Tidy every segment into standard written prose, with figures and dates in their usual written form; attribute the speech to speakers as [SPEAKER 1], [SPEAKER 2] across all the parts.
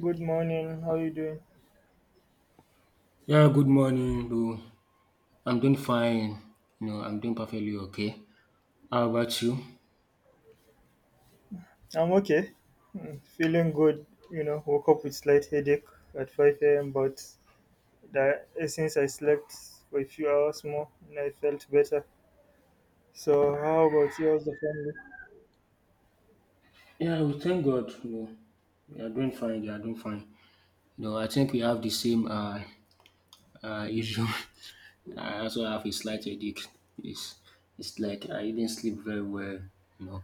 [SPEAKER 1] Good morning. How you doing?
[SPEAKER 2] Yeah, good morning, bro. I'm doing fine. You know, I'm doing perfectly okay. How about you?
[SPEAKER 1] I'm okay. Mm, feeling good. Woke up with slight headache at 5 a.m. But that since I slept for a few hours more, and I felt better. So, how about you? How's the family?
[SPEAKER 2] Yeah, we thank God. You know, we are doing fine. We are doing fine. You know, I think we have the same issue. I also have a slight headache. It's it's like I didn't sleep very well. You know,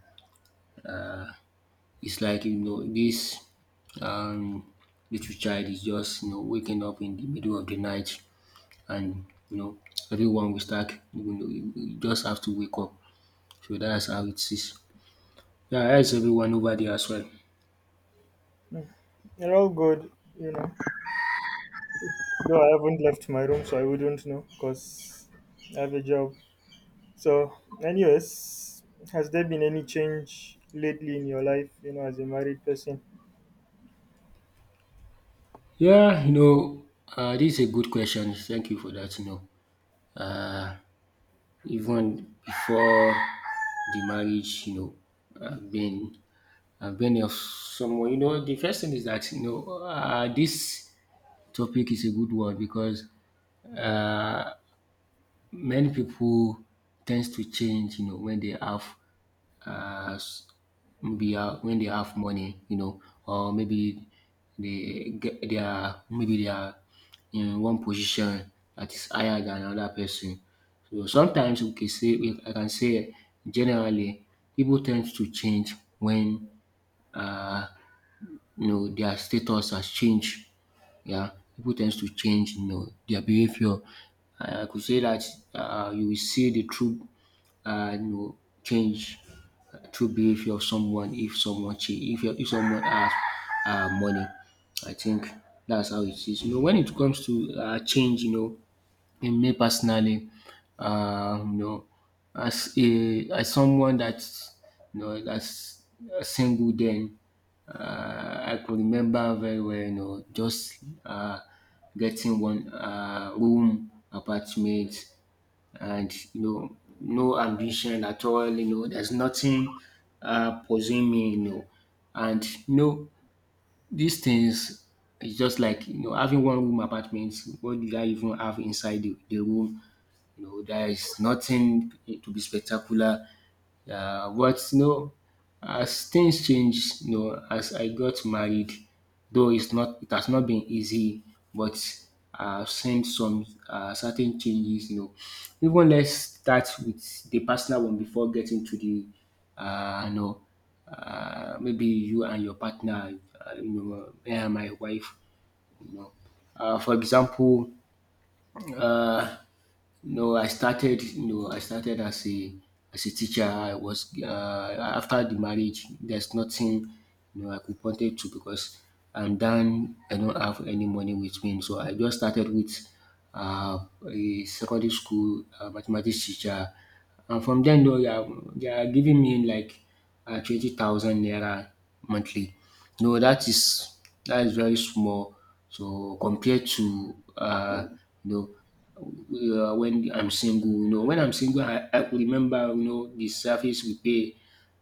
[SPEAKER 2] it's like you know this um little child is just you know waking up in the middle of the night, and you know everyone will start. You know, you just have to wake up. So that's how it is. Yeah, how is everyone over there as well?
[SPEAKER 1] Mm, they're all good. You know, though I haven't left my room, so I wouldn't know because I have a job. So, anyways, has there been any change lately in your life? You know, as a married person.
[SPEAKER 2] Yeah, you know, dis is a good question. Thank you for that, you know. uh, Even before the marriage, you know, I've been I've been of someone. You know, the first thing is that you know this topic is a good one because uh, many people tends to change, you know, when they have uh. maybe when they have money, you know, or maybe they get they are maybe they are in one position that is higher than another person. So sometimes we can say we- I can say generally people tend to change when uh, you know their status has changed. Yeah, people tend to change you know their behavior. I could say that you will see the true you know, change, true behavior of someone if someone change, if someone has money. I think that's how it is. You know, when it comes to change, you know, in me personally, you know, as someone that's you know that's single, then uh, I could remember very well, you know, just uh, getting one room apartment, and you know no ambition at all, you know there's nothing pursuing me, you know, and you know these things is just like you know having one room apartment. What do I even have inside the room? You know there is nothing to be spectacular. Yeah, but you know, as things change, you know, as I got married, though it has not been easy, but I've seen some certain changes, you know. Even let's start with the personal one before getting to the uh you know maybe you and your partner, you know, me and my wife, you know. For example, no, I started no, I started as a teacher. I was, after the marriage, there's nothing you know I could point it to because I'm done. I don't have any money with me, so I just started with a secondary school mathematics teacher, and from then, though, they are giving me like 20,000 naira monthly. No, that is very small. So compared to you know, when I'm single. You know, when I'm single, I could remember, you know, the service we pay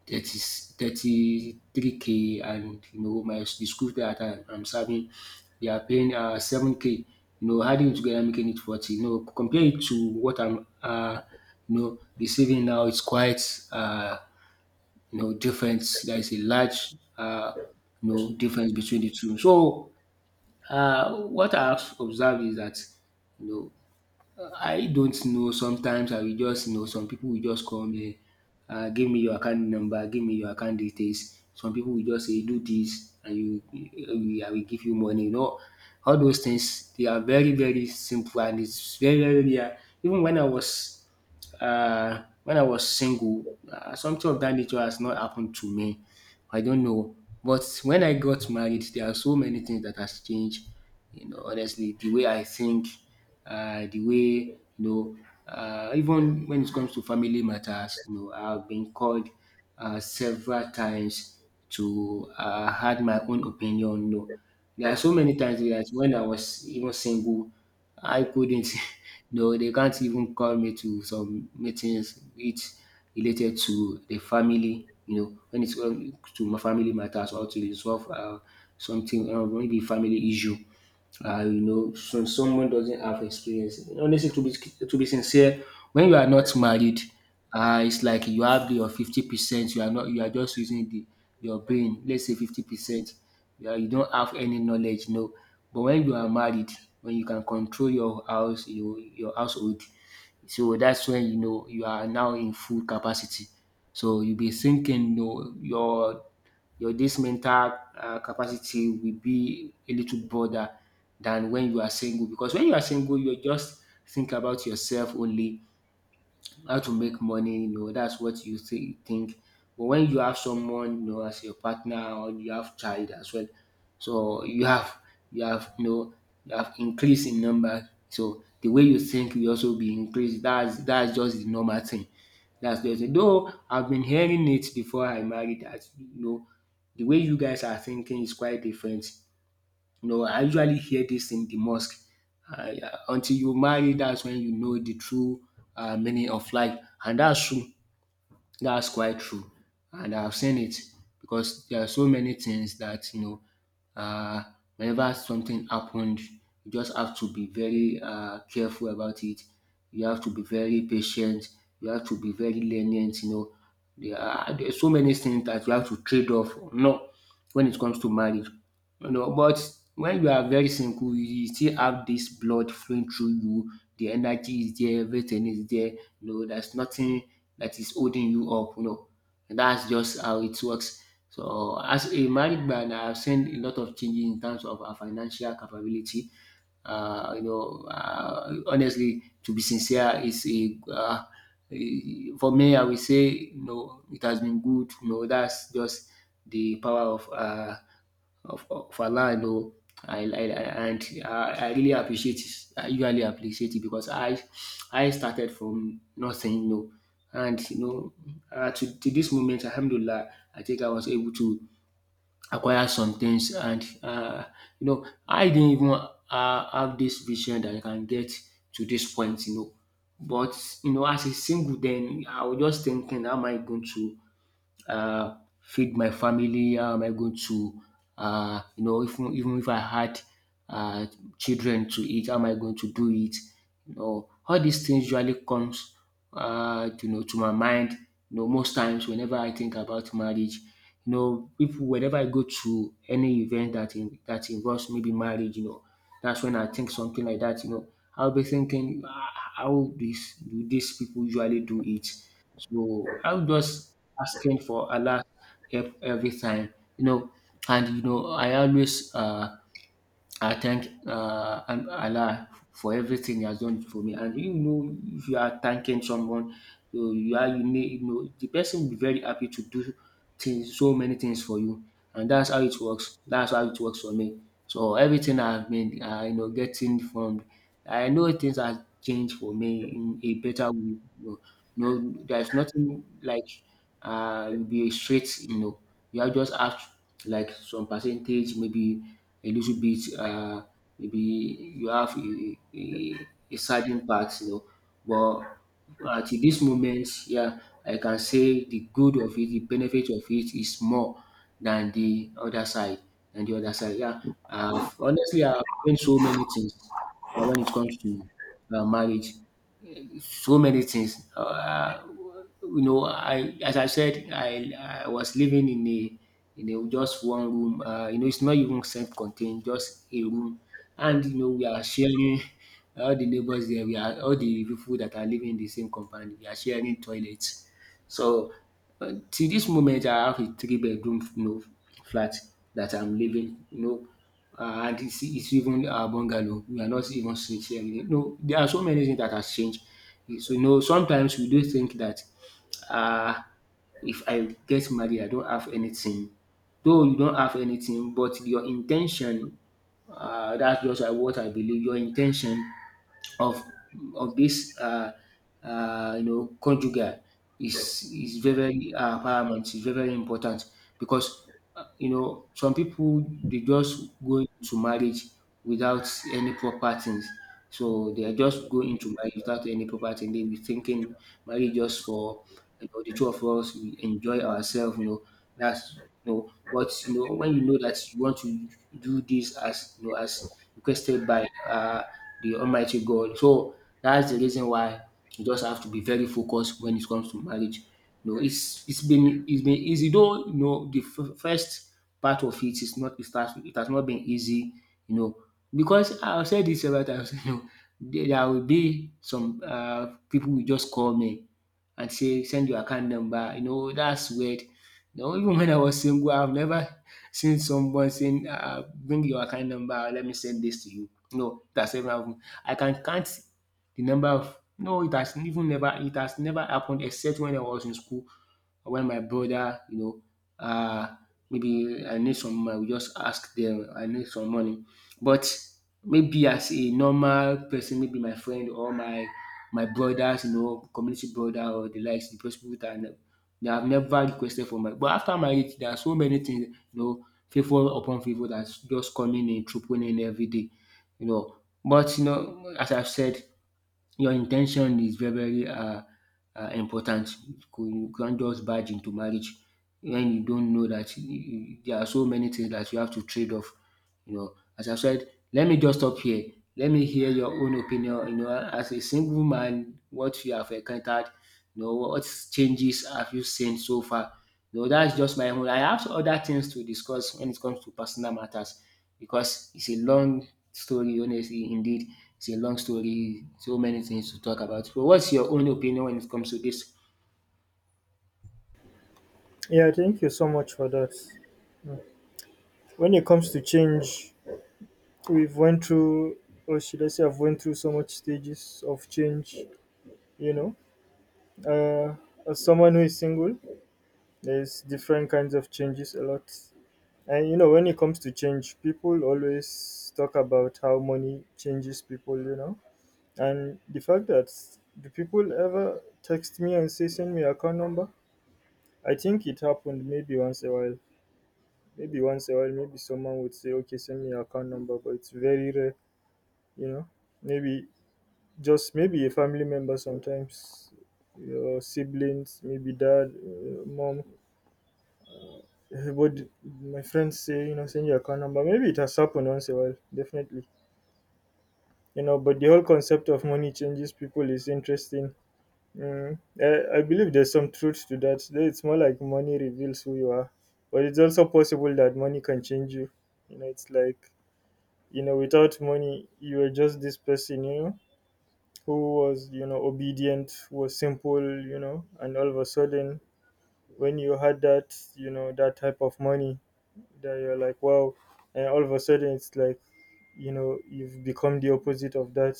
[SPEAKER 2] thirty three k, and, you know, my the school that I'm serving, they are paying 7K. You know, adding it together, making it 40. You know, compare it to what I'm, you know, receiving now, it's quite, uh, you know, difference. There is a large, you know, difference between the two. So, what I've observed is that, you know, I don't know. Sometimes I will just you know some people will just come me, give me your account number, give me your account details. Some people will just say do this and, you, I will give you money. You know, all those things they are very very simple, and it's very very rare. Even when I was single, something of that nature has not happened to me. I don't know. But when I got married, there are so many things that has changed. You know, honestly, the way I think, the way you know, even when it comes to family matters, you know, I've been called several times to had my own opinion. You know, there are so many times that when I was even single, I couldn't. No, they can't even call me to some meetings which related to the family, you know, when it's to my family matters, or to resolve something, maybe family issue. You know, so someone doesn't have experience. Honestly, to be sincere, when you are not married, it's like you have the your 50%. You are not. You are just using the your brain. Let's say 50%. Yeah, you don't have any knowledge. No, but when you are married, when you can control your house, your household, so that's when you know you are now in full capacity. So you be thinking, no, your this mental capacity will be a little broader than when you are single, because when you are single you just think about yourself only, how to make money. You know, that's what you think. But when you have someone, you know, as your partner, or you have child as well, so you know you have increase in number. So the way you think will also be increased. That's just the normal thing. That's just it. Though I've been hearing it before I married, that you know the way you guys are thinking is quite different. No, I usually hear this in the mosque. Yeah, until you marry, that's when you know the true meaning of life. And that's true. That's quite true. And I've seen it, because there are so many things that, you know, uh, whenever something happened, you just have to be very careful about it. You have to be very patient. You have to be very lenient. You know, there are so many things that you have to trade off. No, when it comes to marriage, you know. But when you are very single, you still have this blood flowing through you. The energy is there, everything is there. You know, there's nothing that is holding you up. You know, and that's just how it works. So, as a married man, I've seen a lot of changes in terms of our financial capability. You know, honestly, to be sincere, it's for me, I will say, you know, it has been good. You know, that's just the power of of Allah, I know. I really appreciate it. I usually appreciate it because I started from nothing, you know, and you know to this moment, Alhamdulillah, I think I was able to acquire some things, and you know, I didn't even have this vision that I can get to this point, you know. But you know, as a single, then I was just thinking, how am I going to uh, feed my family? How am I going to, you know, even if I had uh, children to eat, how am I going to do it? You know, all these things usually comes, you know, to my mind. You know, most times whenever I think about marriage, you know, people, whenever I go to any event that involves maybe marriage, you know, that's when I think something like that. You know, I'll be thinking, "Ah, how this do these people usually do it?" So I'm just asking for Allah's help every time, you know. And you know, I always I thank Allah for everything He has done for me. And you know, if you are thanking someone, you are you need you know the person will be very happy to do things, so many things for you. And that's how it works. That's how it works for me. So everything I've been, you know, getting from, I know things have changed for me in a better way, you know. No, there's nothing like you'll be straight, you know. You have just have like some percentage, maybe a little bit, maybe you have a certain part, you know. But at this moment, yeah, I can say the good of it, the benefit of it is more than the other side, than the other side. Yeah, I honestly, I've learned so many things when it comes to marriage, so many things. You know, I, as I said, I was living in a, just one room. You know, it's not even self-contained, just a room. And you know, we are sharing, all the neighbors there, we are all the people that are living in the same compound, we are sharing toilets. So till this moment, I have a three bedroom flat that I'm living. And it's even a bungalow. We are not even sharing. You know, there are so many things that has changed. So you know, sometimes we do think that uh, if I get married, I don't have anything. Though you don't have anything, but your intention, that's just what I believe. Your intention of of this conjugal is very very paramount. Is very very important because you know some people they just go into marriage without any proper things. So they are just going into marriage without any proper thing. They be thinking marriage just for you know the two of us we enjoy ourselves. You know that's no, but you know, when you know that you want to do this as you know as requested by the Almighty God, so that's the reason why you just have to be very focused when it comes to marriage. You know, it's been easy though. You know, the first part of it is not it has it has not been easy. You know, because I've said this several times. You know, there will be some people will just call me and say send your account number, you know that's weird. No, even when I was single, I've never seen someone saying, "Bring your account number, let me send this to you." No, that's never happened. I can count the number of, no, it has even never, it has never happened except when I was in school or when my brother, uh, maybe I need some money, we just ask them, I need some money. But maybe as a normal person, maybe my friend or my brothers, you know, community brother or the likes, the those people that I know, they have never requested for marriage. But after marriage, there are so many things, you know, favor upon favor that's just coming in, trooping in every day, you know. But you know, as I've said, your intention is very very important. You can't just barge into marriage when you don't know that there are so many things that you have to trade off. You know, as I said, let me just stop here. Let me hear your own opinion. You know, as a single man, what you have encountered, you know, what changes have you seen so far? You know, that's just my own. I have other things to discuss when it comes to personal matters because it's a long story, honestly, indeed it's a long story, so many things to talk about. So what's your own opinion when it comes to this?
[SPEAKER 1] Yeah, thank you so much for that. When it comes to change, we've went through or should I say I've went through so much stages of change. you know uh, as someone who is single, there's different kinds of changes a lot. And when it comes to change, people always talk about how money changes people. And the fact that, do people ever text me and say send me your account number? I think it happened maybe once a while. Maybe once a while, maybe someone would say okay send me your account number, but it's very rare. you know Maybe just maybe a family member sometimes, your siblings, maybe dad, mom. But my friends say, you know, send your account number. Maybe it has happened once in a while, definitely. You know, but the whole concept of money changes people is interesting. Mm. I believe there's some truth to that. Though it's more like money reveals who you are. But it's also possible that money can change you. You know, it's like, you know, without money, you are just this person, you know? Who was, you know, obedient, who was simple, you know, and all of a sudden when you had that, you know, that type of money, that you're like wow. And all of a sudden it's like, you know, you've become the opposite of that.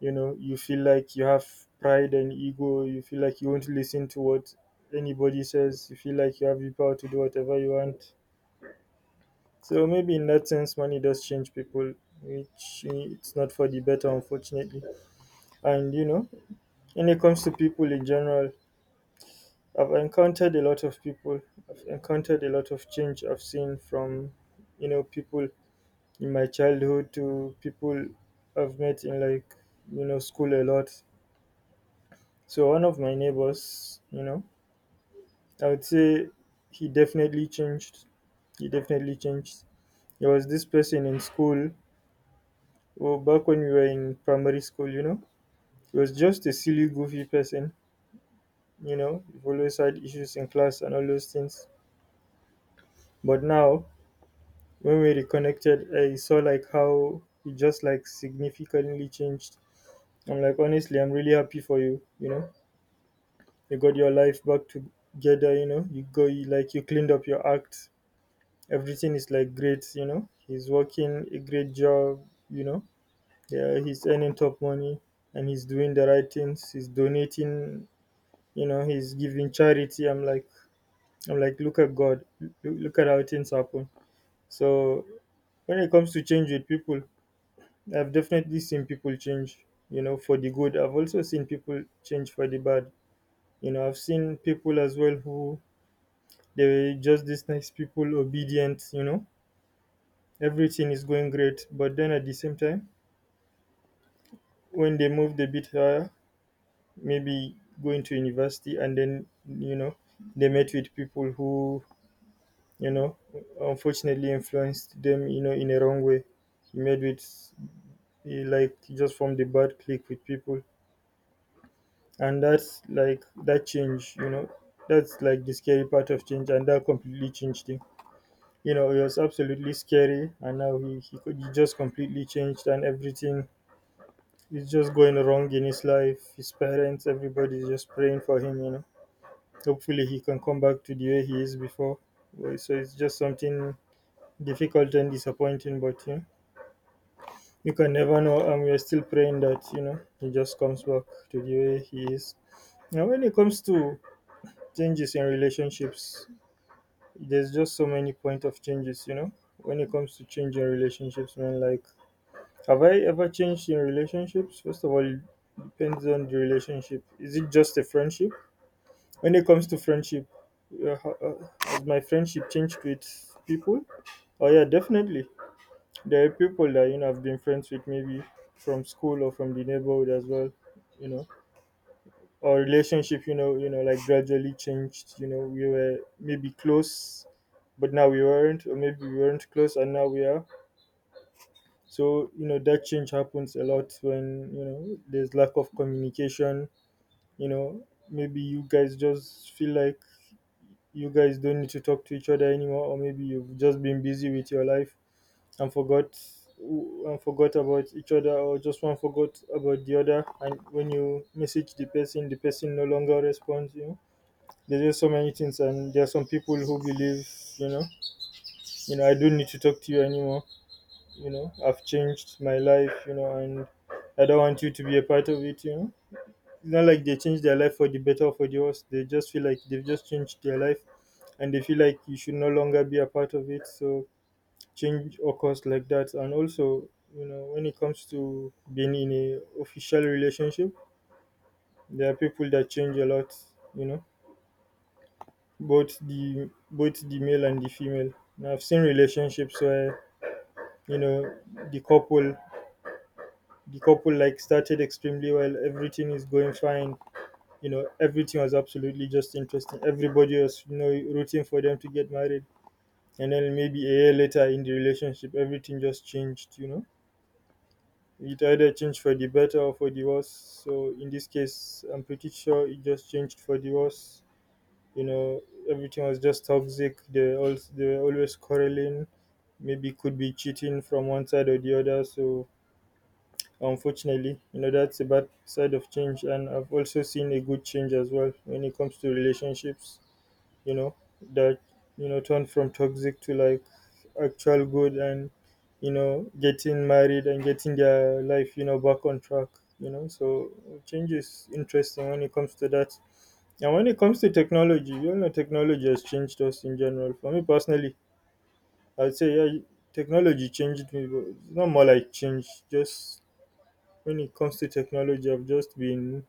[SPEAKER 1] You know, you feel like you have pride and ego, you feel like you won't listen to what anybody says, you feel like you have the power to do whatever you want. So maybe in that sense money does change people, which it's not for the better, unfortunately. And when it comes to people in general, I've encountered a lot of people. I've encountered a lot of change I've seen from, you know, people in my childhood to people I've met in, like, you know, school a lot. So one of my neighbors, you know, I would say he definitely changed. He definitely changed. There was this person in school, well, back when we were in primary school, you know, he was just a silly, goofy person, you know, he always had issues in class and all those things. But now, when we reconnected, I saw like how you just like significantly changed. I'm like, honestly, I'm really happy for you. You know, you got your life back together. You know, you cleaned up your act. Everything is like great. You know, he's working a great job. You know, yeah, he's earning top money and he's doing the right things. He's donating. You know, he's giving charity. I'm like, look at God. Look at how things happen. So when it comes to change with people, I've definitely seen people change, you know, for the good. I've also seen people change for the bad. You know, I've seen people as well who, they were just these nice people, obedient, you know, everything is going great. But then at the same time, when they moved a bit higher, maybe going to university, and then, you know, they met with people who, you know, unfortunately influenced them, you know, in a wrong way. You met with, he like, just from the bad click with people, and that's like that change, that's like the scary part of change, and that completely changed him. You know, it was absolutely scary, and now he just completely changed and everything is just going wrong in his life. His parents, everybody's just praying for him, you know, hopefully he can come back to the way he is before. Well, so it's just something difficult and disappointing, but you know, you can never know and we're still praying that, you know, he just comes back to the way he is. Now when it comes to changes in relationships, there's just so many point of changes. When it comes to change in relationships, man, like, have I ever changed in relationships? First of all, it depends on the relationship. Is it just a friendship? When it comes to friendship, has my friendship changed with people? Oh yeah, definitely. There are people that, you know, I've been friends with, maybe from school or from the neighborhood as well. you know our relationship, like gradually changed. You know, we were maybe close but now we weren't, or maybe we weren't close and now we are. So you know, that change happens a lot when, you know, there's lack of communication. You know, maybe you guys just feel like you guys don't need to talk to each other anymore, or maybe you've just been busy with your life and forgot, about each other, or just one forgot about the other, and when you message the person, the person no longer responds. You know, there's just so many things, and there are some people who believe, you know you know, I don't need to talk to you anymore. You know, I've changed my life, you know, and I don't want you to be a part of it. You know, it's not like they change their life for the better or for the worse, they just feel like they've just changed their life, and they feel like you should no longer be a part of it. So change occurs like that. And also, you know, when it comes to being in a official relationship, there are people that change a lot. You know, both the male and the female. And I've seen relationships where, you know, the couple the couple like started extremely well. Everything is going fine. You know, everything was absolutely just interesting. Everybody was, you know, rooting for them to get married, and then maybe a year later in the relationship, everything just changed. You know. It either changed for the better or for the worse. So in this case, I'm pretty sure it just changed for the worse. You know, everything was just toxic, they were always quarreling, maybe could be cheating from one side or the other. So unfortunately, you know, that's a bad side of change. And I've also seen a good change as well when it comes to relationships. You know, that, you know, turn from toxic to like actual good, and, you know, getting married and getting their life, you know, back on track. You know, so change is interesting when it comes to that. And when it comes to technology, you know, technology has changed us in general. For me personally, I'd say yeah, technology changed me, but it's not more like change. Just when it comes to technology, I've just been,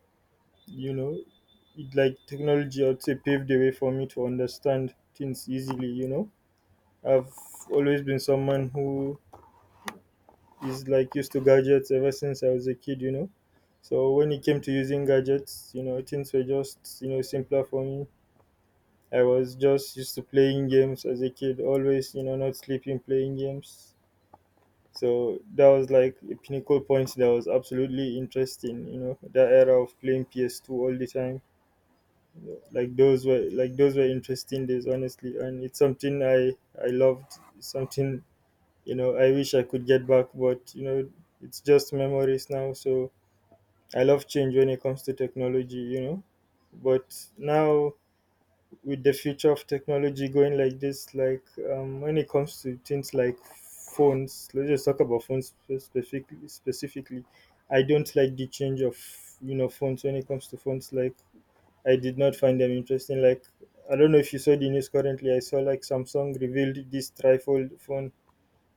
[SPEAKER 1] you know, it, like technology, I'd say paved the way for me to understand things easily. You know, I've always been someone who is like used to gadgets ever since I was a kid. You know, so when it came to using gadgets, you know, things were just, you know, simpler for me. I was just used to playing games as a kid, always, you know, not sleeping, playing games. So that was like a pinnacle point that was absolutely interesting, you know, that era of playing PS2 all the time. Those were interesting days, honestly, and it's something I loved, something, you know, I wish I could get back, but you know, it's just memories now. So I love change when it comes to technology, you know, but now with the future of technology going like this, like when it comes to things like phones, let's just talk about phones specifically. Specifically, I don't like the change of, you know, phones when it comes to phones. Like I did not find them interesting. Like I don't know if you saw the news currently. I saw like Samsung revealed this trifold phone,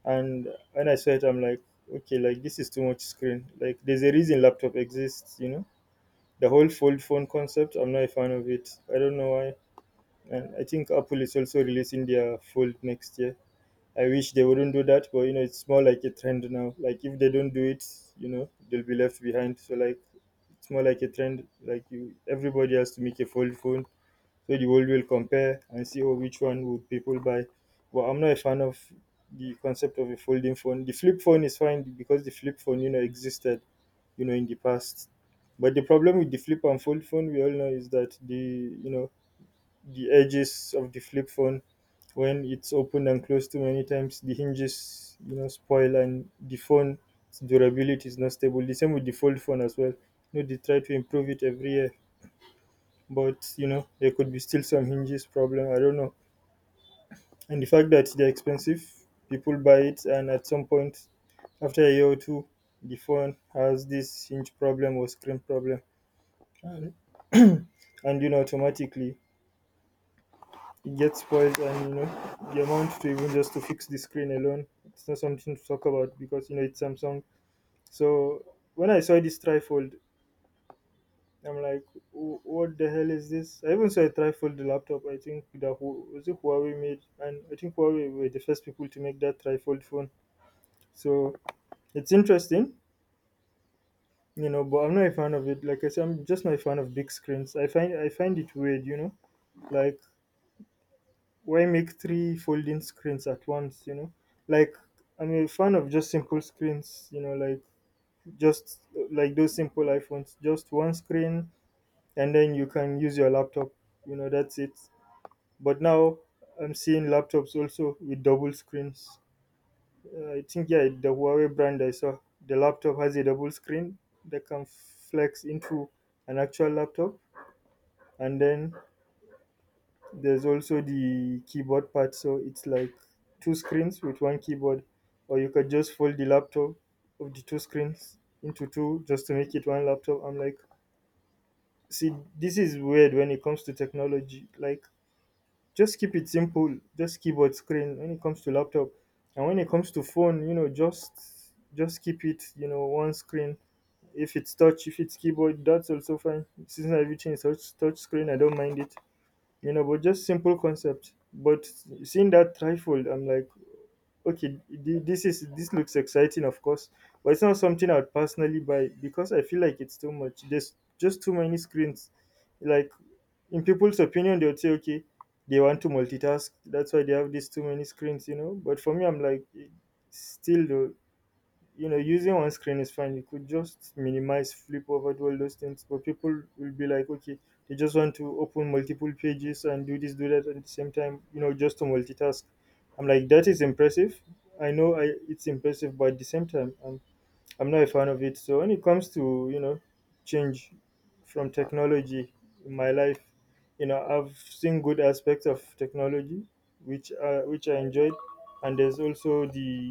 [SPEAKER 1] and when I saw it, I'm like, okay, like this is too much screen. Like there's a reason laptop exists. You know, the whole fold phone concept, I'm not a fan of it. I don't know why. And I think Apple is also releasing their Fold next year. I wish they wouldn't do that, but you know, it's more like a trend now. Like if they don't do it, you know, they'll be left behind. So it's more like a trend. Everybody has to make a Fold phone, so the world will compare and see oh which one would people buy. But I'm not a fan of the concept of a folding phone. The flip phone is fine because the flip phone, you know, existed, in the past. But the problem with the flip and fold phone, we all know, is that the you know the edges of the flip phone, when it's opened and closed too many times, the hinges, you know, spoil, and the phone durability is not stable. The same with the fold phone as well. You know, they try to improve it every year, but you know, there could be still some hinges problem, I don't know. And the fact that they're expensive, people buy it, and at some point, after a year or two, the phone has this hinge problem or screen problem, and, and you know automatically it gets spoiled, and you know the amount to even just to fix the screen alone, it's not something to talk about because you know it's Samsung. So when I saw this trifold, I'm like, What the hell is this?" I even saw a trifold laptop. I think that was it Huawei made? And I think Huawei were the first people to make that trifold phone. So it's interesting, you know, but I'm not a fan of it. Like I said, I'm just not a fan of big screens. I find it weird, you know. Like, why make three folding screens at once, you know? Like, I'm a fan of just simple screens, you know, like just like those simple iPhones, just one screen, and then you can use your laptop, you know, that's it. But now I'm seeing laptops also with double screens. I think, yeah, the Huawei brand I saw, the laptop has a double screen that can flex into an actual laptop, and then there's also the keyboard part, so it's like two screens with one keyboard, or you could just fold the laptop of the two screens into two just to make it one laptop. I'm like, see, this is weird when it comes to technology. Like, just keep it simple, just keyboard screen when it comes to laptop, and when it comes to phone, you know, just keep it, you know, one screen. If it's touch, if it's keyboard, that's also fine. Since everything is touch screen, I don't mind it. You know, but just simple concept. But seeing that trifold, I'm like, okay, this is this looks exciting, of course, but it's not something I'd personally buy because I feel like it's too much. There's just too many screens. Like, in people's opinion, they would say, okay, they want to multitask. That's why they have these too many screens, you know. But for me, I'm like, eh, still, though, you know, using one screen is fine. You could just minimize, flip over, do all those things. But people will be like, okay, they just want to open multiple pages and do this, do that at the same time, you know, just to multitask. I'm like, that is impressive. I know it's impressive, but at the same time, I'm not a fan of it. So when it comes to you know change from technology in my life, you know I've seen good aspects of technology, which I enjoyed, and there's also the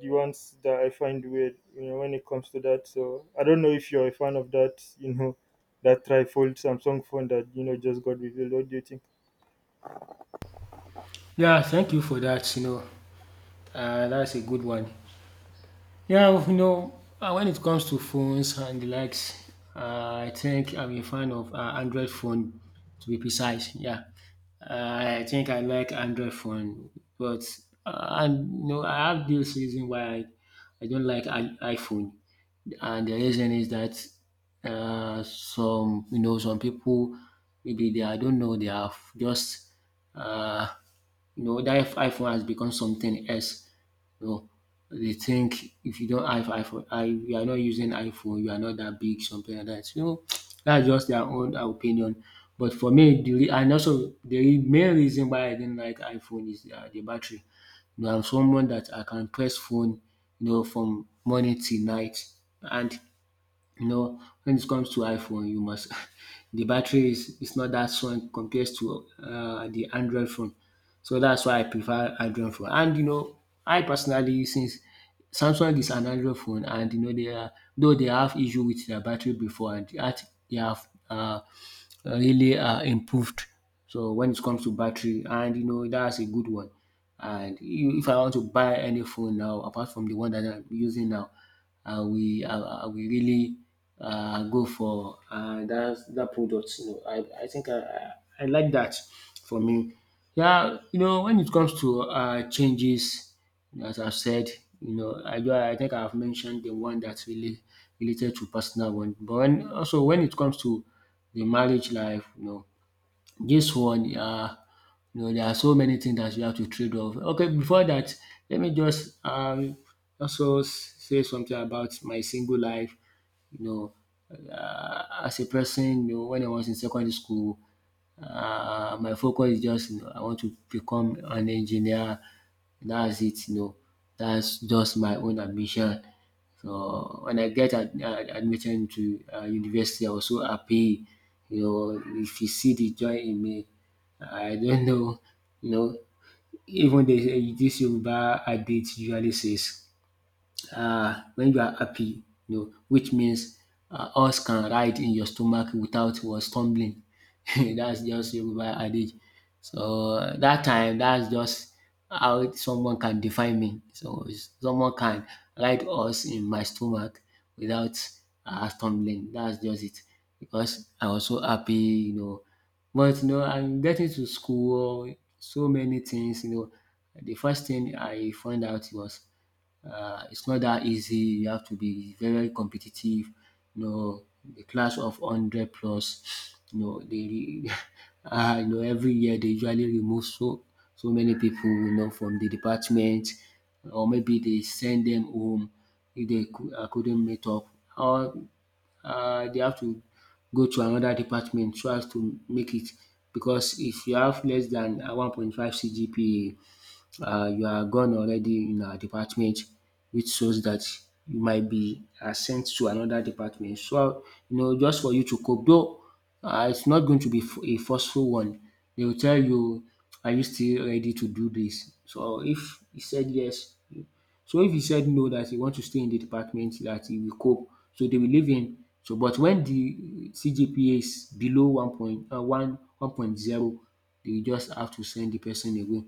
[SPEAKER 1] ones that I find weird. You know when it comes to that. So I don't know if you're a fan of that. You know that trifold Samsung phone that you know just got revealed. What do you think?
[SPEAKER 2] Yeah, thank you for that, you know, that's a good one. Yeah, well, you know, when it comes to phones and the likes, I think I'm a fan of Android phone, to be precise. Yeah, I think I like Android phone, but and you know, I have this reason why I don't like iPhone, and the reason is that some you know some people maybe they I don't know they have just uh, you know that iPhone has become something else. No, they think if you don't have iPhone, I you are not using iPhone, you are not that big, something like that. You know, that's just their own opinion. But for me, and also the main reason why I didn't like iPhone is the battery. You know, I'm someone that I can press phone, you know, from morning till night, and you know, when it comes to iPhone, you must the battery is not that strong compared to the Android phone. So that's why I prefer Android phone. And you know, I personally, since Samsung is an Android phone, and you know they are, though they have issue with their battery before, and that they have really improved. So when it comes to battery, and you know that's a good one. And if I want to buy any phone now, apart from the one that I'm using now, I will really go for that product. You know, I think I like that for me. Yeah, you know, when it comes to changes, as I've said, you know, I think I've mentioned the one that's really related to personal one, but when, also when it comes to the marriage life, you know, this one you know there are so many things that you have to trade off. Okay, before that let me just also say something about my single life. You know, as a person, you know, when I was in secondary school, my focus is just, you know, I want to become an engineer. That's it, you know. That's just my own ambition. So when I get admitted into university, I was so happy. You know, if you see the joy in me, I don't know. You know, even the, this Yoruba adage usually says when you are happy, you know, which means horse can ride in your stomach without was stumbling. That's just Yoruba adage. So that time, that's just how someone can define me. Someone can ride horse in my stomach without stumbling. That's just it. Because I was so happy, you know. But you know, I'm getting to school, so many things, you know. The first thing I found out was it's not that easy. You have to be very competitive, you know, a class of 100 plus, you know, they you know, every year they usually remove so many people, you know, from the department or maybe they send them home if they couldn't meet up or they have to go to another department so as to make it because if you have less than 1.5 CGPA, you are gone already in our department, which shows that you might be sent to another department. So, you know, just for you to cope, though it's not going to be a forceful one. They will tell you, are you still ready to do this? So, if he said yes, so if he said no, that he wants to stay in the department, that he will cope, so they will leave him. So, but when the CGPA is below 1.1, 1.0, they will just have to send the person away.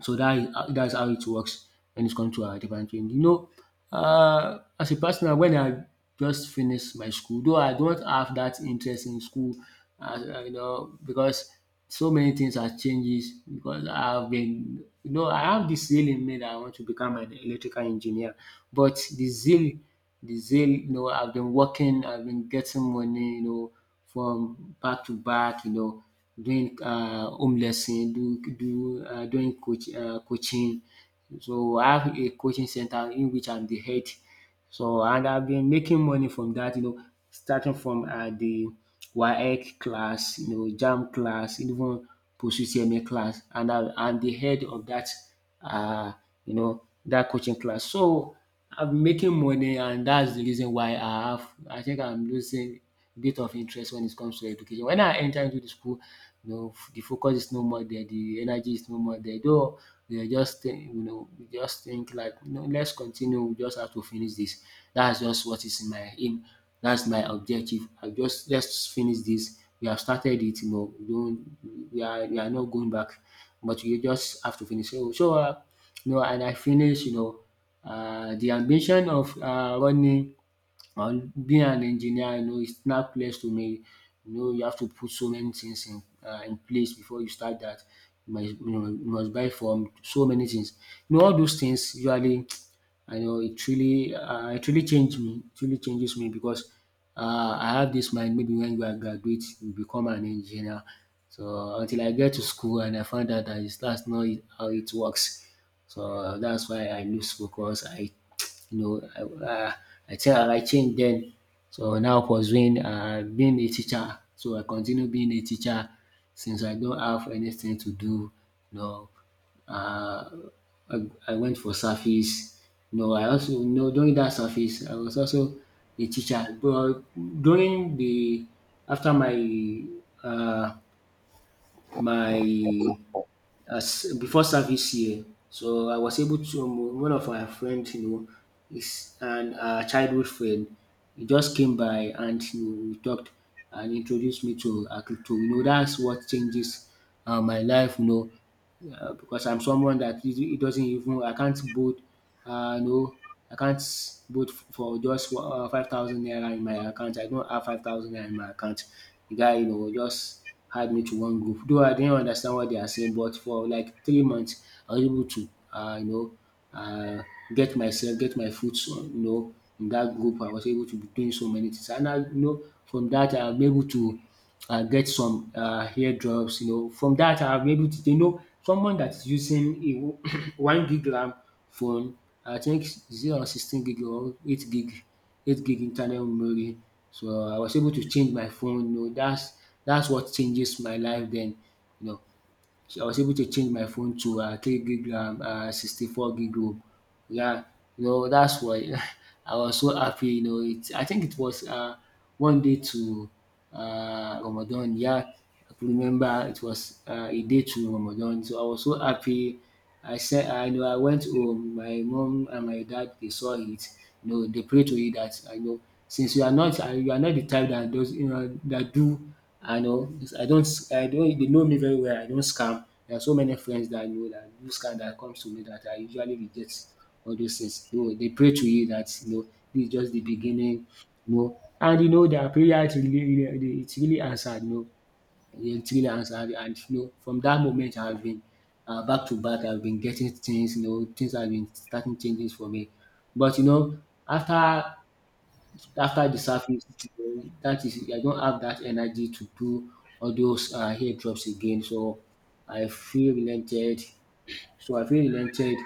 [SPEAKER 2] So that is that's how it works when it comes to our different training. You know, as a personal when I just finish my school, though I don't have that interest in school as you know because so many things are changes because I have been you know I have this zeal in me that I want to become an electrical engineer, but the zeal you know I've been working, I've been getting money you know from back to back you know doing home lesson, doing do doing coaching. So I have a coaching center in which I'm the head. So and I've been making money from that. You know, starting from the WAEC class, you know JAMB class, even positioning class, and I'm the head of that, uh, you know, that coaching class. So I'm making money, and that's the reason why I have, I think I'm losing a bit of interest when it comes to education. When I enter into the school, you know, the focus is no more there, the energy is no more there. Though we are just think, you know, we just think like, you know, let's continue, we just have to finish this. That's just what is in my aim. That's my objective. I just let's finish this, you have started it, but you are not going back, but you just have to finish. So you know, and I finished, you know, the ambition of running and being an engineer, you know, it's not clears to me, you know, you have to put so many things in place before you start that. You must, you know, you must buy from so many things. You know, all those things usually, I know it really changed me. It really changes me because I have this mind. Maybe when you are graduate, you become an engineer. So until I get to school and I found out that that's not how it works. So that's why I lose focus. I you know, I tell her I changed then. So now pursuing being a teacher. So I continue being a teacher since I don't have anything to do. You know, uh, I, I went for service. I also, during that service I was also a teacher. But during the, after my, uh, my, as before service year. So I was able to, one of my friends, is an childhood friend. He just came by, and, we talked and introduced me to crypto. That's what changes my life. Yeah, because I'm someone that, it doesn't even, I can't boot, no, I can't boot for just 5,000 naira in my account. I don't have 5,000 naira in my account. The guy, just had me to one group. Though I didn't understand what they are saying, but for like 3 months, I was able to, uh, get myself, get my foot on, in that group. I was able to be doing so many things, and I, from that, I'm able to, and get some eardrops. From that, I've been able to, someone that is using a 1 gig RAM phone. I think 0 16 gig, or 8 gig, internal memory. So I was able to change my phone, that's dats what changes my life then, you know. So, I was able to change my phone to 3 gig RAM and 64 gig ROM. Yeah, that's why I was so happy. You know, it I think it was one day to Ramadan. Yeah, I could remember it was a day to Ramadan. So I was so happy. I said, I know, I went home, my mom and my dad, they saw it, they pray to it that, I know, since you are not, you are not the type that does, that do, I know, I don't I don't, they know me very well, I don't scam. There are so many friends that I know that do scam that comes to me that I usually reject all those things. They pray to you that, this is just the beginning, And, their prayers really, really, it's really answered, thrillers, and, from that moment I have been, back to back, I have been getting things, things have been starting changes for me. But, after, the surface, dat is, I don't have that energy to do all those hair drops again. So, I feel relented I feel relented.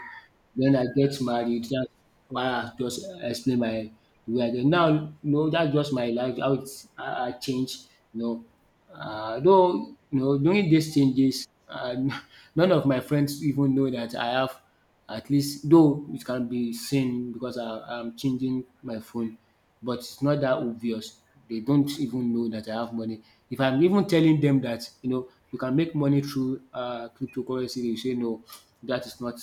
[SPEAKER 2] Den I get married, dats why I just explain my, the way I get now, dats just my life, how I change, you know though, during these changes, none of my friends even know that I have, at least, though it can be seen because, I'm changing my phone, but it's not that obvious. They don't even know that I have money. If I'm even telling them that, you can make money through cryptocurrency, they say, no, that is not,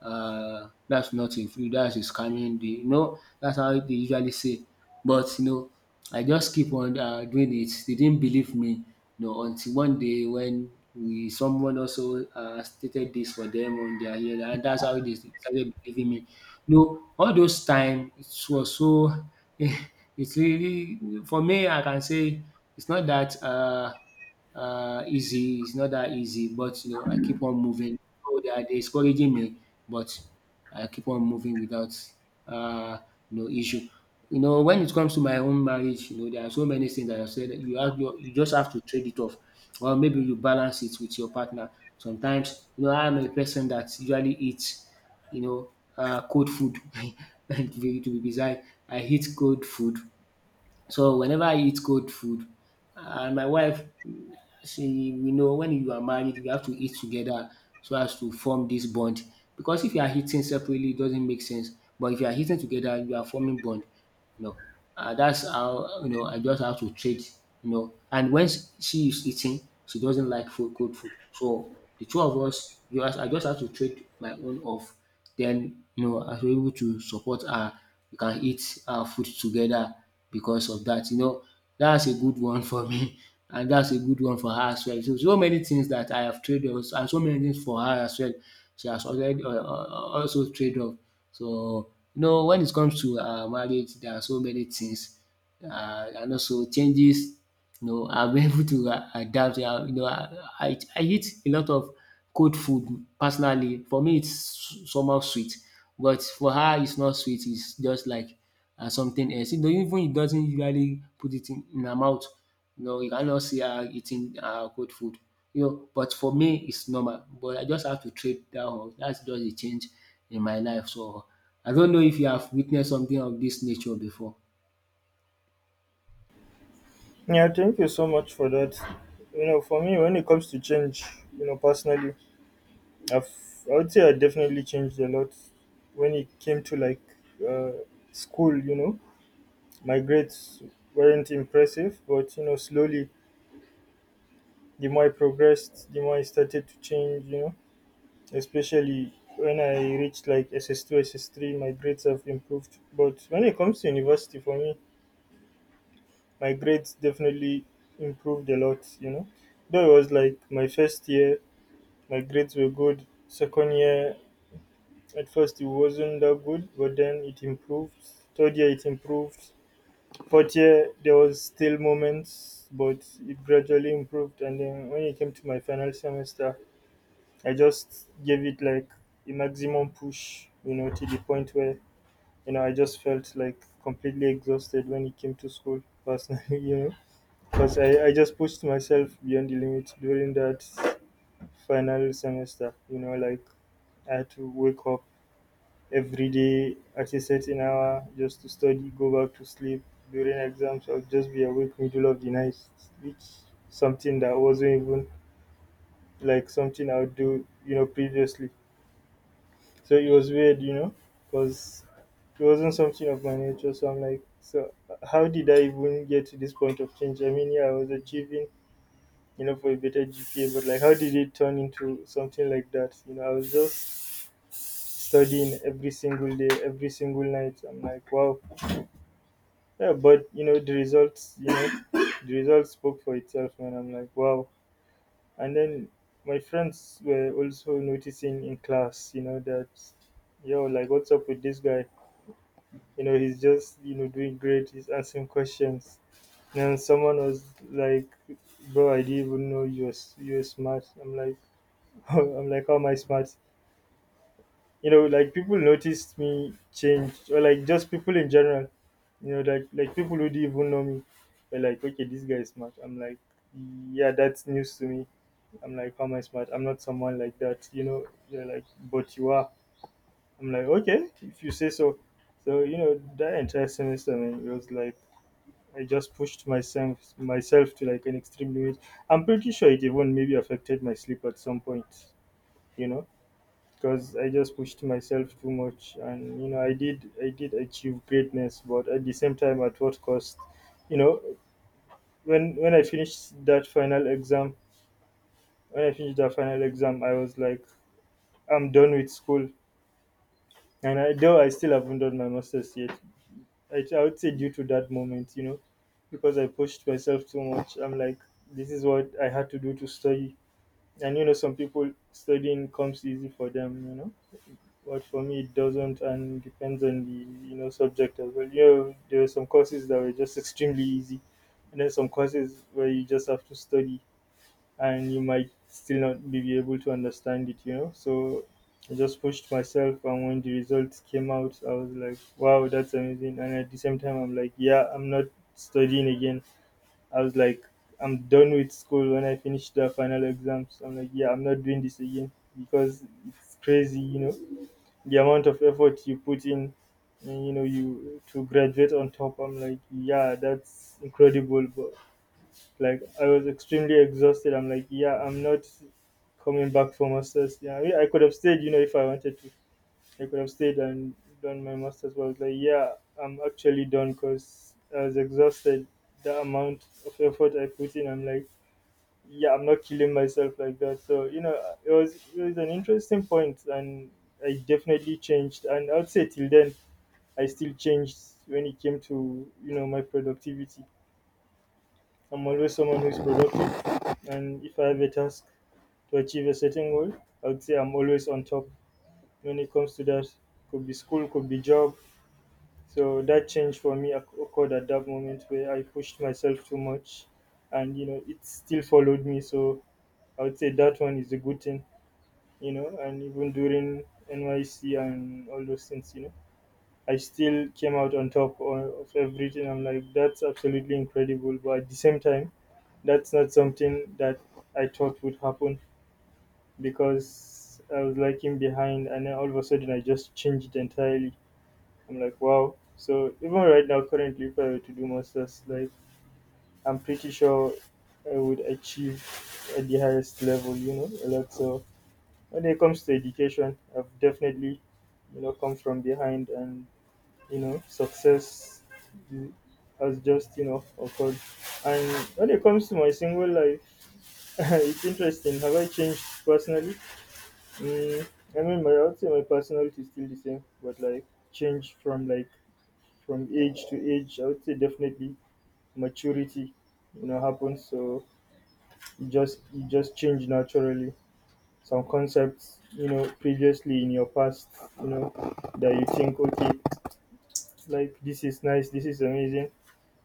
[SPEAKER 2] that's not a free, that's a scamming. They, that's how they usually say. But, I just keep on doing it. They didn't believe me, until one day when we, someone also stated this for them on their ear, and that's how they started believing me. You know all those time it was so it's really, for me, I can say, it's not that easy. It's not that easy, but, I keep on moving. Oh, they are discouraging me, but I keep on moving without uh, no issue. When it comes to my own marriage, there are so many things that I said, that you have your, you just have to trade it off, or maybe you balance it with your partner. Sometimes, I'm a person that usually eats, you know, cold food. To be, to be precise, I eat cold food. So whenever I eat cold food, and my wife, she, we know, when you are married you have to eat together, so as to form this bond, because if you are eating separately, it doesn't make sense, but if you are eating together, you are forming bond, you know and that's how, I just have to trade, And when, she is eating, she doesn't like food, cold food. So the two of us, you as I just have to trade my own off. Then, I was able to support her. We can eat our food together because of that. That's a good one for me, and that's a good one for her as well. So so many things that I have traded, and so many things for her as well. She has already, also traded off. So, when it comes to marriage, there are so many things, and also changes. I am able to adapt. I eat a lot of cold food personally. For me, it's somehow sweet, but for her, it's not sweet. It's just like, something else. Even it doesn't usually put it in her mouth. You cannot see her eating, cold food. But for me, it's normal. But I just have to trade that off. That's just a change in my life. So I don't know if you have witnessed something of this nature before.
[SPEAKER 1] Yeah, thank you so much for that. You know, for me, when it comes to change, you know, personally, I've, I would say I definitely changed a lot when it came to like uh, school. You know, my grades weren't impressive, but you know, slowly the more I progressed, the more I started to change. You know, especially when I reached like SS2, SS3, my grades have improved. But when it comes to university, for me, my grades definitely improved a lot. You know, though it was like my first year, my grades were good. Second year, at first it wasn't that good, but then it improved. Third year it improved. Fourth year there was still moments, but it gradually improved. And then when it came to my final semester, I just gave it like a maximum push, you know, to the point where you know I just felt like completely exhausted when it came to school personally, you know, because I just pushed myself beyond the limit during that final semester, you know, like I had to wake up every day at a certain hour just to study, go back to sleep. During exams, I'll just be awake middle of the night, which something that wasn't even like something I would do, you know, previously. So it was weird, you know, because it wasn't something of my nature. So I'm like, so how did I even get to this point of change? I mean, yeah, I was achieving, you know, for a better GPA, but like, how did it turn into something like that? You know, I was just studying every single day, every single night. I'm like, wow. Yeah, but you know the results. You know the results spoke for itself, man. I'm like, wow. And then my friends were also noticing in class, you know, that yo, like, what's up with this guy? You know, he's just you know doing great. He's answering questions. And someone was like, bro, I didn't even know you were smart. I'm like, I'm like, how am I smart? You know, like people noticed me change, or like just people in general, you know, like people who didn't even know me, were like, okay, this guy is smart. I'm like, yeah, that's news to me. I'm like, how am I smart? I'm not someone like that, you know. They're like, but you are. I'm like, okay, if you say so. So you know, that entire semester, man, it was like I just pushed myself to like an extreme limit. I'm pretty sure it even maybe affected my sleep at some point, you know because I just pushed myself too much, and you know I did achieve greatness, but at the same time, at what cost? You know, when I finished that final exam, I was like, I'm done with school, and though I still haven't done my masters yet, I would say due to that moment, you know, because I pushed myself too much, I'm like, this is what I had to do to study, and you know, some people studying comes easy for them, you know. But for me, it doesn't, and depends on the you know subject as well. You know, there are some courses that were just extremely easy, and then some courses where you just have to study, and you might still not be able to understand it. You know, so I just pushed myself, and when the results came out, I was like, "Wow, that's amazing!" And at the same time, I'm like, "Yeah, I'm not studying again." I was like, "I'm done with school when I finish the final exams." I'm like, "Yeah, I'm not doing this again," because it's crazy, you know, the amount of effort you put in, and you know you to graduate on top. I'm like, yeah, that's incredible, but like I was extremely exhausted. I'm like, yeah, I'm not coming back for masters. Yeah, I mean, I could have stayed, you know, if I wanted to. I could have stayed and done my masters, but I was like, yeah, I'm actually done because I was exhausted. The amount of effort I put in, I'm like, yeah, I'm not killing myself like that. So you know, it was an interesting point, and I definitely changed. And I'd say till then, I still changed when it came to you know my productivity. I'm always someone who's productive, and if I have a task to achieve a certain goal, I'd say I'm always on top when it comes to that. Could be school, could be job. So that change for me occurred at that moment where I pushed myself too much, and you know it still followed me. So I would say that one is a good thing, you know, and even during NYC and all those things, you know, I still came out on top of everything. I'm like, that's absolutely incredible. But at the same time, that's not something that I thought would happen because I was lagging behind, and then all of a sudden I just changed entirely. I'm like, wow. So even right now, currently, if I were to do masters, like I'm pretty sure I would achieve at the highest level, you know, a lot. So when it comes to education, I've definitely, you know, come from behind, and you know, success ju- has just, you know, occurred. And when it comes to my single life, it's interesting. Have I changed personally? Mm, I mean, my I would say my personality is still the same, but like change from like from age to age, I would say definitely maturity, you know, happens. So you just change naturally. Some concepts you know previously in your past, you know, that you think, okay, like this is nice, this is amazing,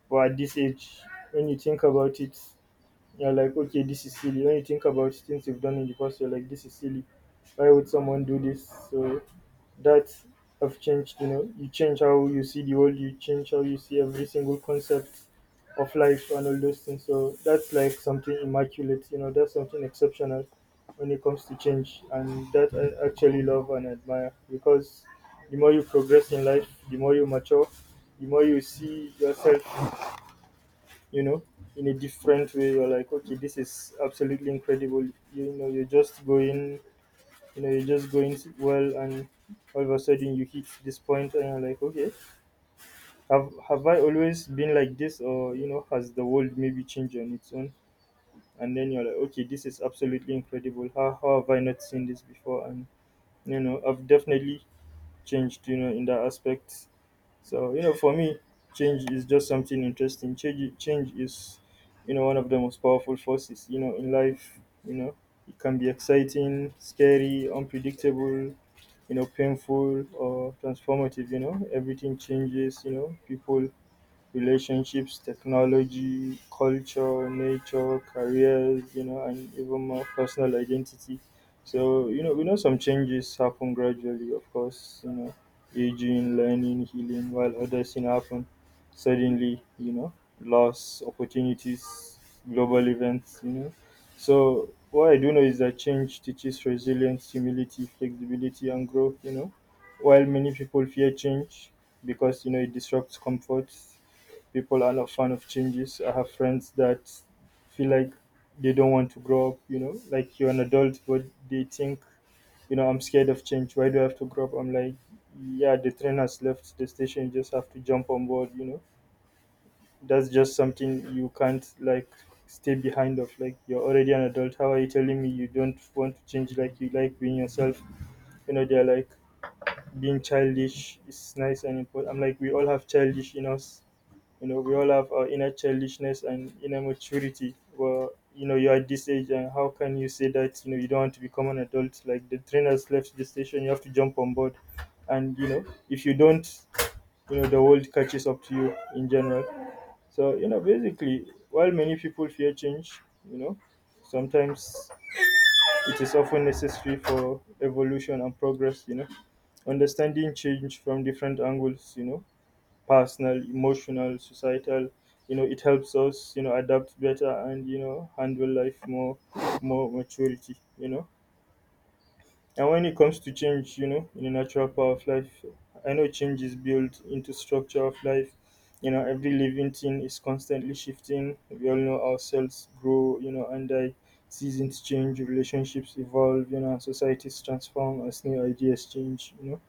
[SPEAKER 1] but at this age, when you think about it, you're like, okay, this is silly. When you think about things you've done in the past, you're like, this is silly, why would someone do this? So that have changed. You know, you change how you see the world, you change how you see every single concept of life and all those things. So that's like something immaculate, you know, that's something exceptional when it comes to change, and that I actually love and admire because the more you progress in life, the more you mature, the more you see yourself, you know, in a different way. You're like, okay, this is absolutely incredible. you know you're just going you know, you're just going well, and all of a sudden you hit this point, and you're like, okay, have I always been like this, or you know, has the world maybe changed on its own? And then you're like, okay, this is absolutely incredible. How have I not seen this before? And you know, I've definitely changed, you know, in that aspect. So you know, for me, change is just something interesting. Change is, you know, one of the most powerful forces, you know, in life. You know, it can be exciting, scary, unpredictable. You know, painful or transformative. You know, everything changes. You know, people, relationships, technology, culture, nature, careers, you know, and even more personal identity. So, you know, we know some changes happen gradually, of course, you know, aging, learning, healing, while others, you know, happen suddenly, you know, loss, opportunities, global events, you know. So, what I do know is that change teaches resilience, humility, flexibility, and growth, you know. While many people fear change because, you know, it disrupts comfort, people are not fan of changes. I have friends that feel like they don't want to grow up, you know, like you're an adult, but they think, you know, I'm scared of change. Why do I have to grow up? I'm like, yeah, the train has left the station. You just have to jump on board, you know. That's just something you can't, like, stay behind of. Like, you're already an adult. How are you telling me you don't want to change? Like, you like being yourself. You know, they're like, being childish is nice and important. I'm like, we all have childish in us. You know, we all have our inner childishness and inner maturity. Well, you know, you're at this age, and how can you say that, you know, you don't want to become an adult? Like, the train has left the station, you have to jump on board. And, you know, if you don't, you know, the world catches up to you in general. So, you know, basically, while many people fear change, you know, sometimes it is often necessary for evolution and progress, you know, understanding change from different angles, you know, personal, emotional, societal. You know, it helps us, you know, adapt better, and you know handle life more maturity. You know, and when it comes to change, you know, in the natural power of life, I know change is built into structure of life. You know, every living thing is constantly shifting. We all know ourselves grow, you know, and die. Seasons change, relationships evolve, you know, and societies transform as new ideas change. You know,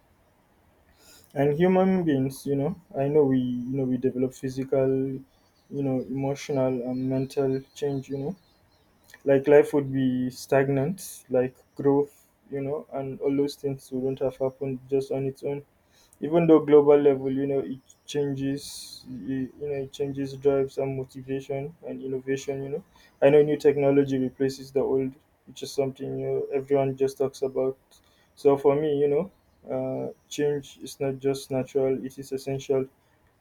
[SPEAKER 1] and human beings, you know, I know we, you know, we develop physical, you know, emotional and mental change, you know, like life would be stagnant, like growth, you know, and all those things wouldn't have happened just on its own. Even though global level, you know, it changes you. You know, it changes drives and motivation and innovation. You know, I know new technology replaces the old, which is something you know everyone just talks about. So for me, you know, change is not just natural, it is essential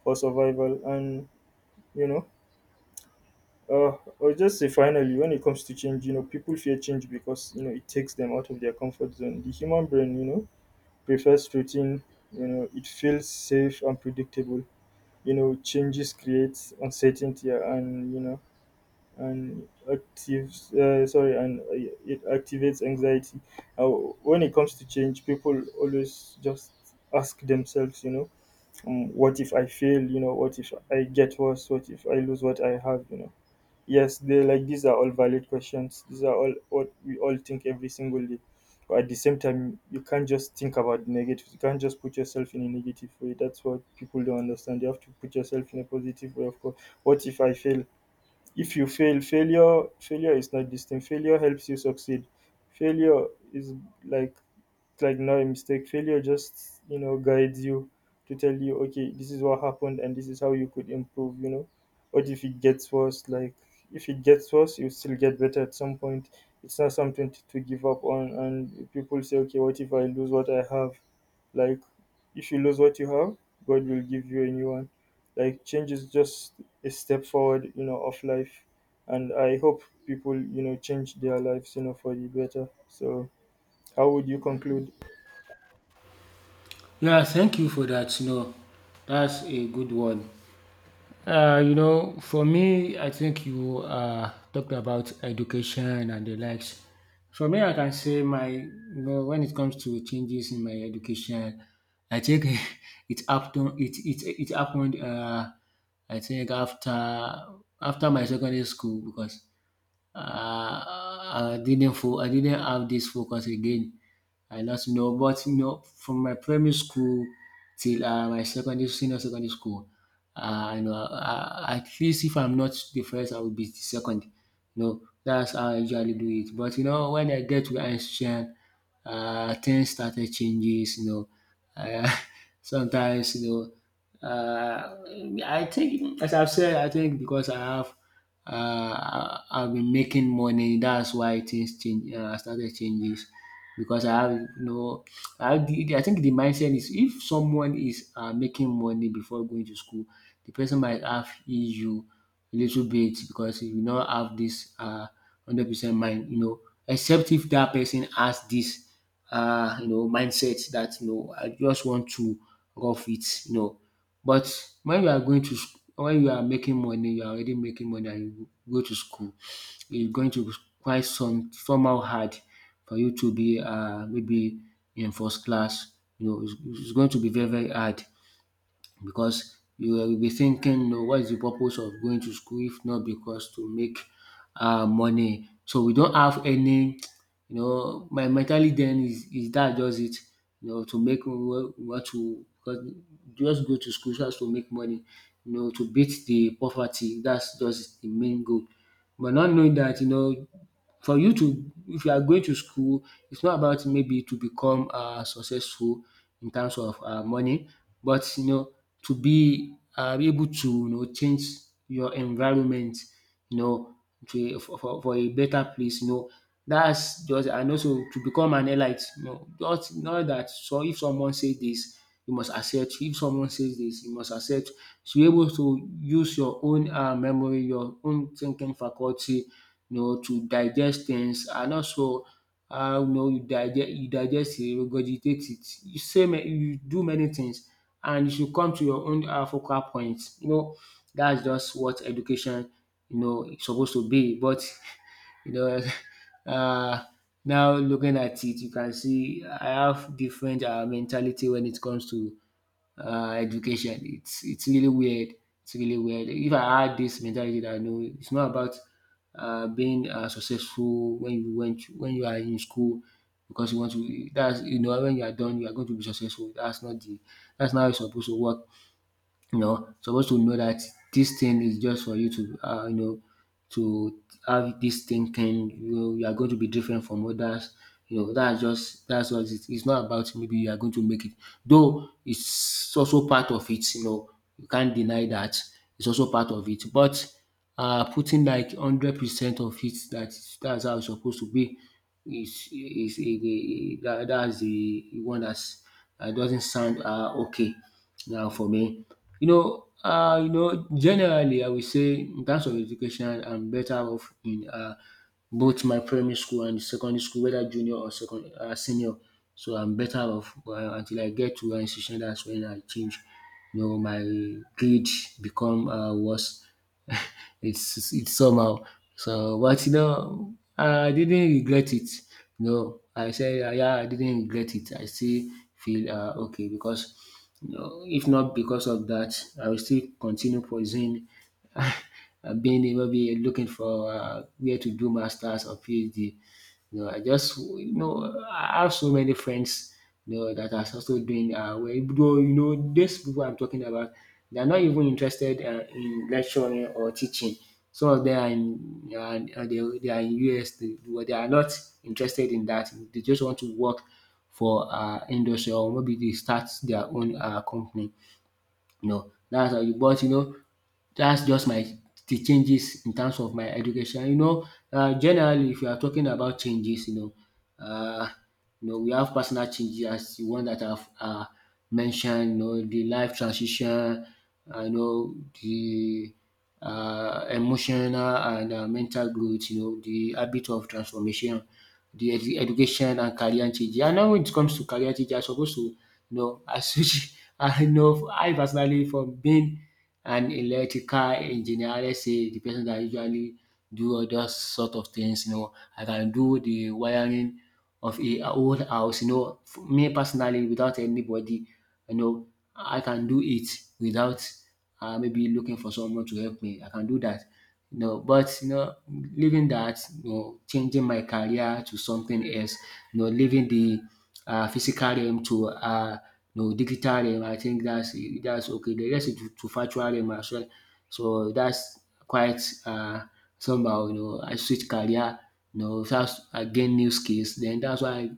[SPEAKER 1] for survival. And you know, or just say finally, when it comes to change, you know, people fear change because you know it takes them out of their comfort zone. The human brain, you know, prefers routine. You know, it feels safe and predictable. You know, changes creates uncertainty, and you know, and actives sorry and it activates anxiety. When it comes to change, people always just ask themselves, you know, what if I fail, you know, what if I get worse, what if I lose what I have, you know. Yes, they like these are all valid questions. These are all what we all think every single day. But at the same time, you can't just think about the negative. You can't just put yourself in a negative way. That's what people don't understand. You have to put yourself in a positive way. Of course, what if I fail? If you fail, failure is not this thing. Failure helps you succeed. Failure is like like not a mistake. Failure just, you know, guides you to tell you, okay, this is what happened and this is how you could improve, you know. What if it gets worse? Like, if it gets worse, you still get better at some point. It's not something to give up on. And people say, okay, what if I lose what I have? Like, if you lose what you have, God will give you a new one. Like, change is just a step forward, you know, of life. And I hope people, you know, change their lives, you know, for the better. So, how would you conclude?
[SPEAKER 2] Yeah, thank you for that. That's a good one. For me, I think you, talked about education and the likes. For me, I can say my, when it comes to changes in my education, I think it happened. It happened. I think, after, my secondary school, because, I didn't, I didn't have this focus again. I lost, but, from my primary school till my secondary, senior secondary school, at least, if I'm not the first, I will be the second. That's how I usually do it. But, when I get to Einstein, things started changes. Uh, sometimes. Uh, I think, as I've said, I think because I have, I've been making money. That's why things change. Started changes because I have, I have the, I think the mindset is, if someone is, making money before going to school, the person might have issue a little bit, because you not have this 100% mind. Except if that person has this mindset that, I just want to rough it, But when you are going to, when you are making money, you are already making money and you go to school, it's going to be quite, somehow hard for you to be, maybe in first class. You know, it's, it's going to be very, very hard, because you will be thinking, "No, what is the purpose of going to school if not because to make money, so we don't have any, my mentality then is that, just it, to make, we want to, because just go to school just to make money, to beat the poverty, that's just the main goal. But not knowing that, for you to, if you are going to school, it's not about maybe to become successful, in terms of money, but, to be able to, change your environment, you know to, a for a better place. That's just, and also to become an elite, just not that. So if someone say this, you must accept. If someone says this, you must accept. To be able to use your own memory, your own thinking faculty, to digest things, and also how, you digest, you digest it, regurgitate it. You say, you do many things, and you should come to your own focal point. That's just what education, is supposed to be. But you know uh, now looking at it, you can see I have different mentality when it comes to education. It's really weird. It's really weird. If I had this mentality that no, it's not about being successful when you went when you are in school because you want to. That's, you know, when you are done, you are going to be successful. That's not how it's supposed to work, you know, supposed to know that this thing is just for you to, you know, to have this thinking. You know, you are going to be different from others. That's what it is. It's not about maybe you are going to make it. Though it's also part of it. You know, you can't deny that it's also part of it. But putting like 100% of it, that that's how it's supposed to be is that's the one that's, that doesn't sound okay. Now for me, generally I will say, in terms of education, I'm better off in both my primary school and secondary school, whether junior or second senior. So I'm better off until I get to one institution, that's when I change. You know, my grade become worse. It's somehow. So, but you know, I didn't regret it. No, I said, yeah, I didn't regret it. I still feel okay because no, if not because of that, I will still continue pursuing, uh, being, maybe looking for where to do masters or PhD. You know, I have so many friends, you know, that are also doing well, though, you know, these people I'm talking about, they are not even interested in lecturing or teaching. Some of them are in they are in US. They, well, they are not interested in that. They just want to work for industry, or maybe they start their own company, you know. Dats how you but you know That's just my, the changes in terms of my education. You know, generally, if you are talking about changes, um you know, we have personal changes as de one that I've mentioned, you know, de life transition, you know the emotional and mental growth, you know, the habit of transformation, de education and career changes. And now, when it comes to career changes, I suppose to you know, I switch I know I personally, from being an electrical engineer, let's say the person that usually do all those sort of things, you know, I can do the wiring of a whole house, you know, me personally, without anybody, you know, I can do it without maybe looking for someone to help me. I can do that, you know. But you know, leaving that, you know, changing my career to something else, you know, leaving the physical realm to no, digital realm, I think that's okay. The rest is to virtual realm as well. So that's quite uh, somehow, you know, I switch career, you know, that's, I gain new skills. Then that's why I,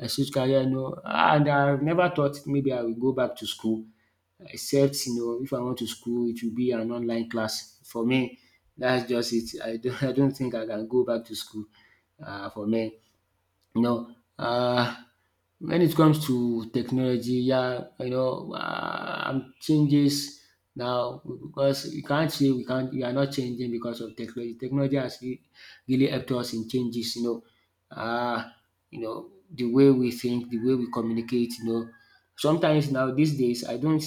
[SPEAKER 2] I switch career, you know. And I've never thought maybe I will go back to school, except, you know, if I want to school, it will be an online class. For me, that's just it. I don't, I don't think I can go back to school, for me. You know, when it comes to technology, yeah, you know, changes now, because you can't say we can't, we are not changing because of technology. Technology has really helped us in changes, you know. Um you know, the way we think, the way we communicate, you know, sometimes now these days, I don't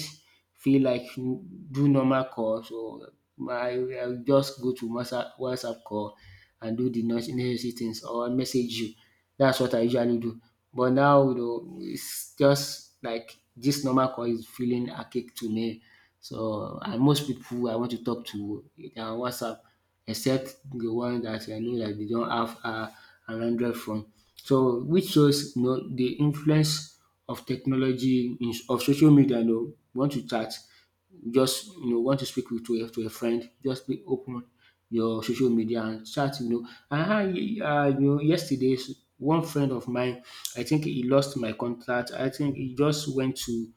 [SPEAKER 2] feel like do normal call, so I will just go to WhatsApp call and do the necessary things or message you. That's what I usually do. But now, you know, it's just like this normal call is feeling archaic to me. So, and most people I want to talk to, they are on WhatsApp, except the one that I know that they don't have an Android phone. So, which shows, you know, the influence of technology, in of social media. You know, want to chat, just, you know, want to speak with, to a, to a friend, just be open your social media and chat, you know. And I, you know, yesterday, one friend of mine, I think he lost my contact. I think he just went to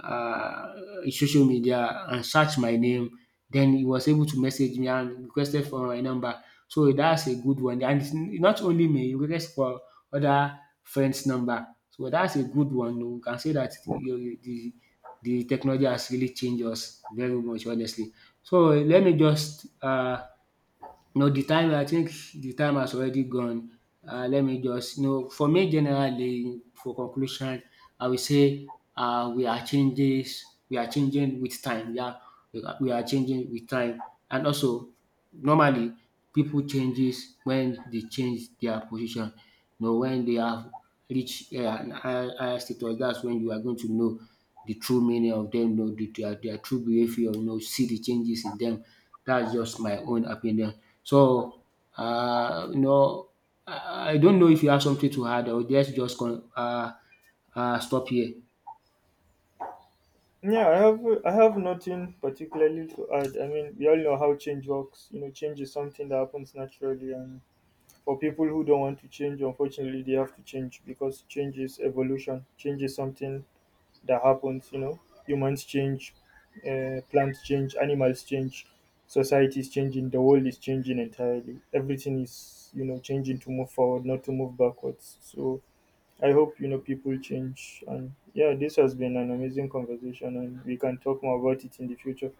[SPEAKER 2] uh, social media and search my name. Then he was able to message me and requested for my number. So that's a good one. And it's not only me, he requested for other friends' number. So that's a good one. We can say that you, the technology has really changed us very much, honestly. So let me just no, the time, I think the time has already gone. Let me just, you know, for me, generally, for conclusion, I will say, we are changes we are changing with time. Yeah, we are changing with time, and also normally people changes when they change their position. You know, when they have reach an higher higher status, that's when you are going to know the true meaning of them, know the, their true behaviour, you know, see the changes in them. That's just my own opinion. So you know, I don't know if you have something to add, or let's just con stop here.
[SPEAKER 1] Yeah, I have nothing particularly to add. I mean, we all know how change works. You know, change is something that happens naturally, and for people who don't want to change, unfortunately, they have to change because change is evolution. Change is something that happens. You know, humans change, plants change, animals change, society is changing, the world is changing entirely. Everything is you know changing to move forward, not to move backwards. So I hope you know people change. And yeah, this has been an amazing conversation, and we can talk more about it in the future.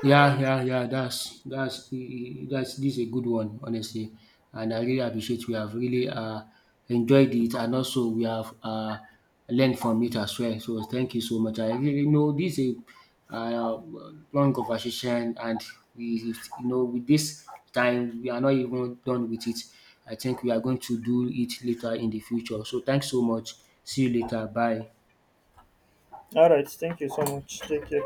[SPEAKER 2] Yeah, yeah, yeah. That's e- e- that's this is a good one, honestly. And I really appreciate, we have really enjoyed it, and also we have learned from it as well. So thank you so much. I really know this is a long conversation, and we, you know, with this time, we are not even done with it. I think we are going to do it later in the future. So thanks so much. See you later. Bye.
[SPEAKER 1] All right, thank you so much. Take care.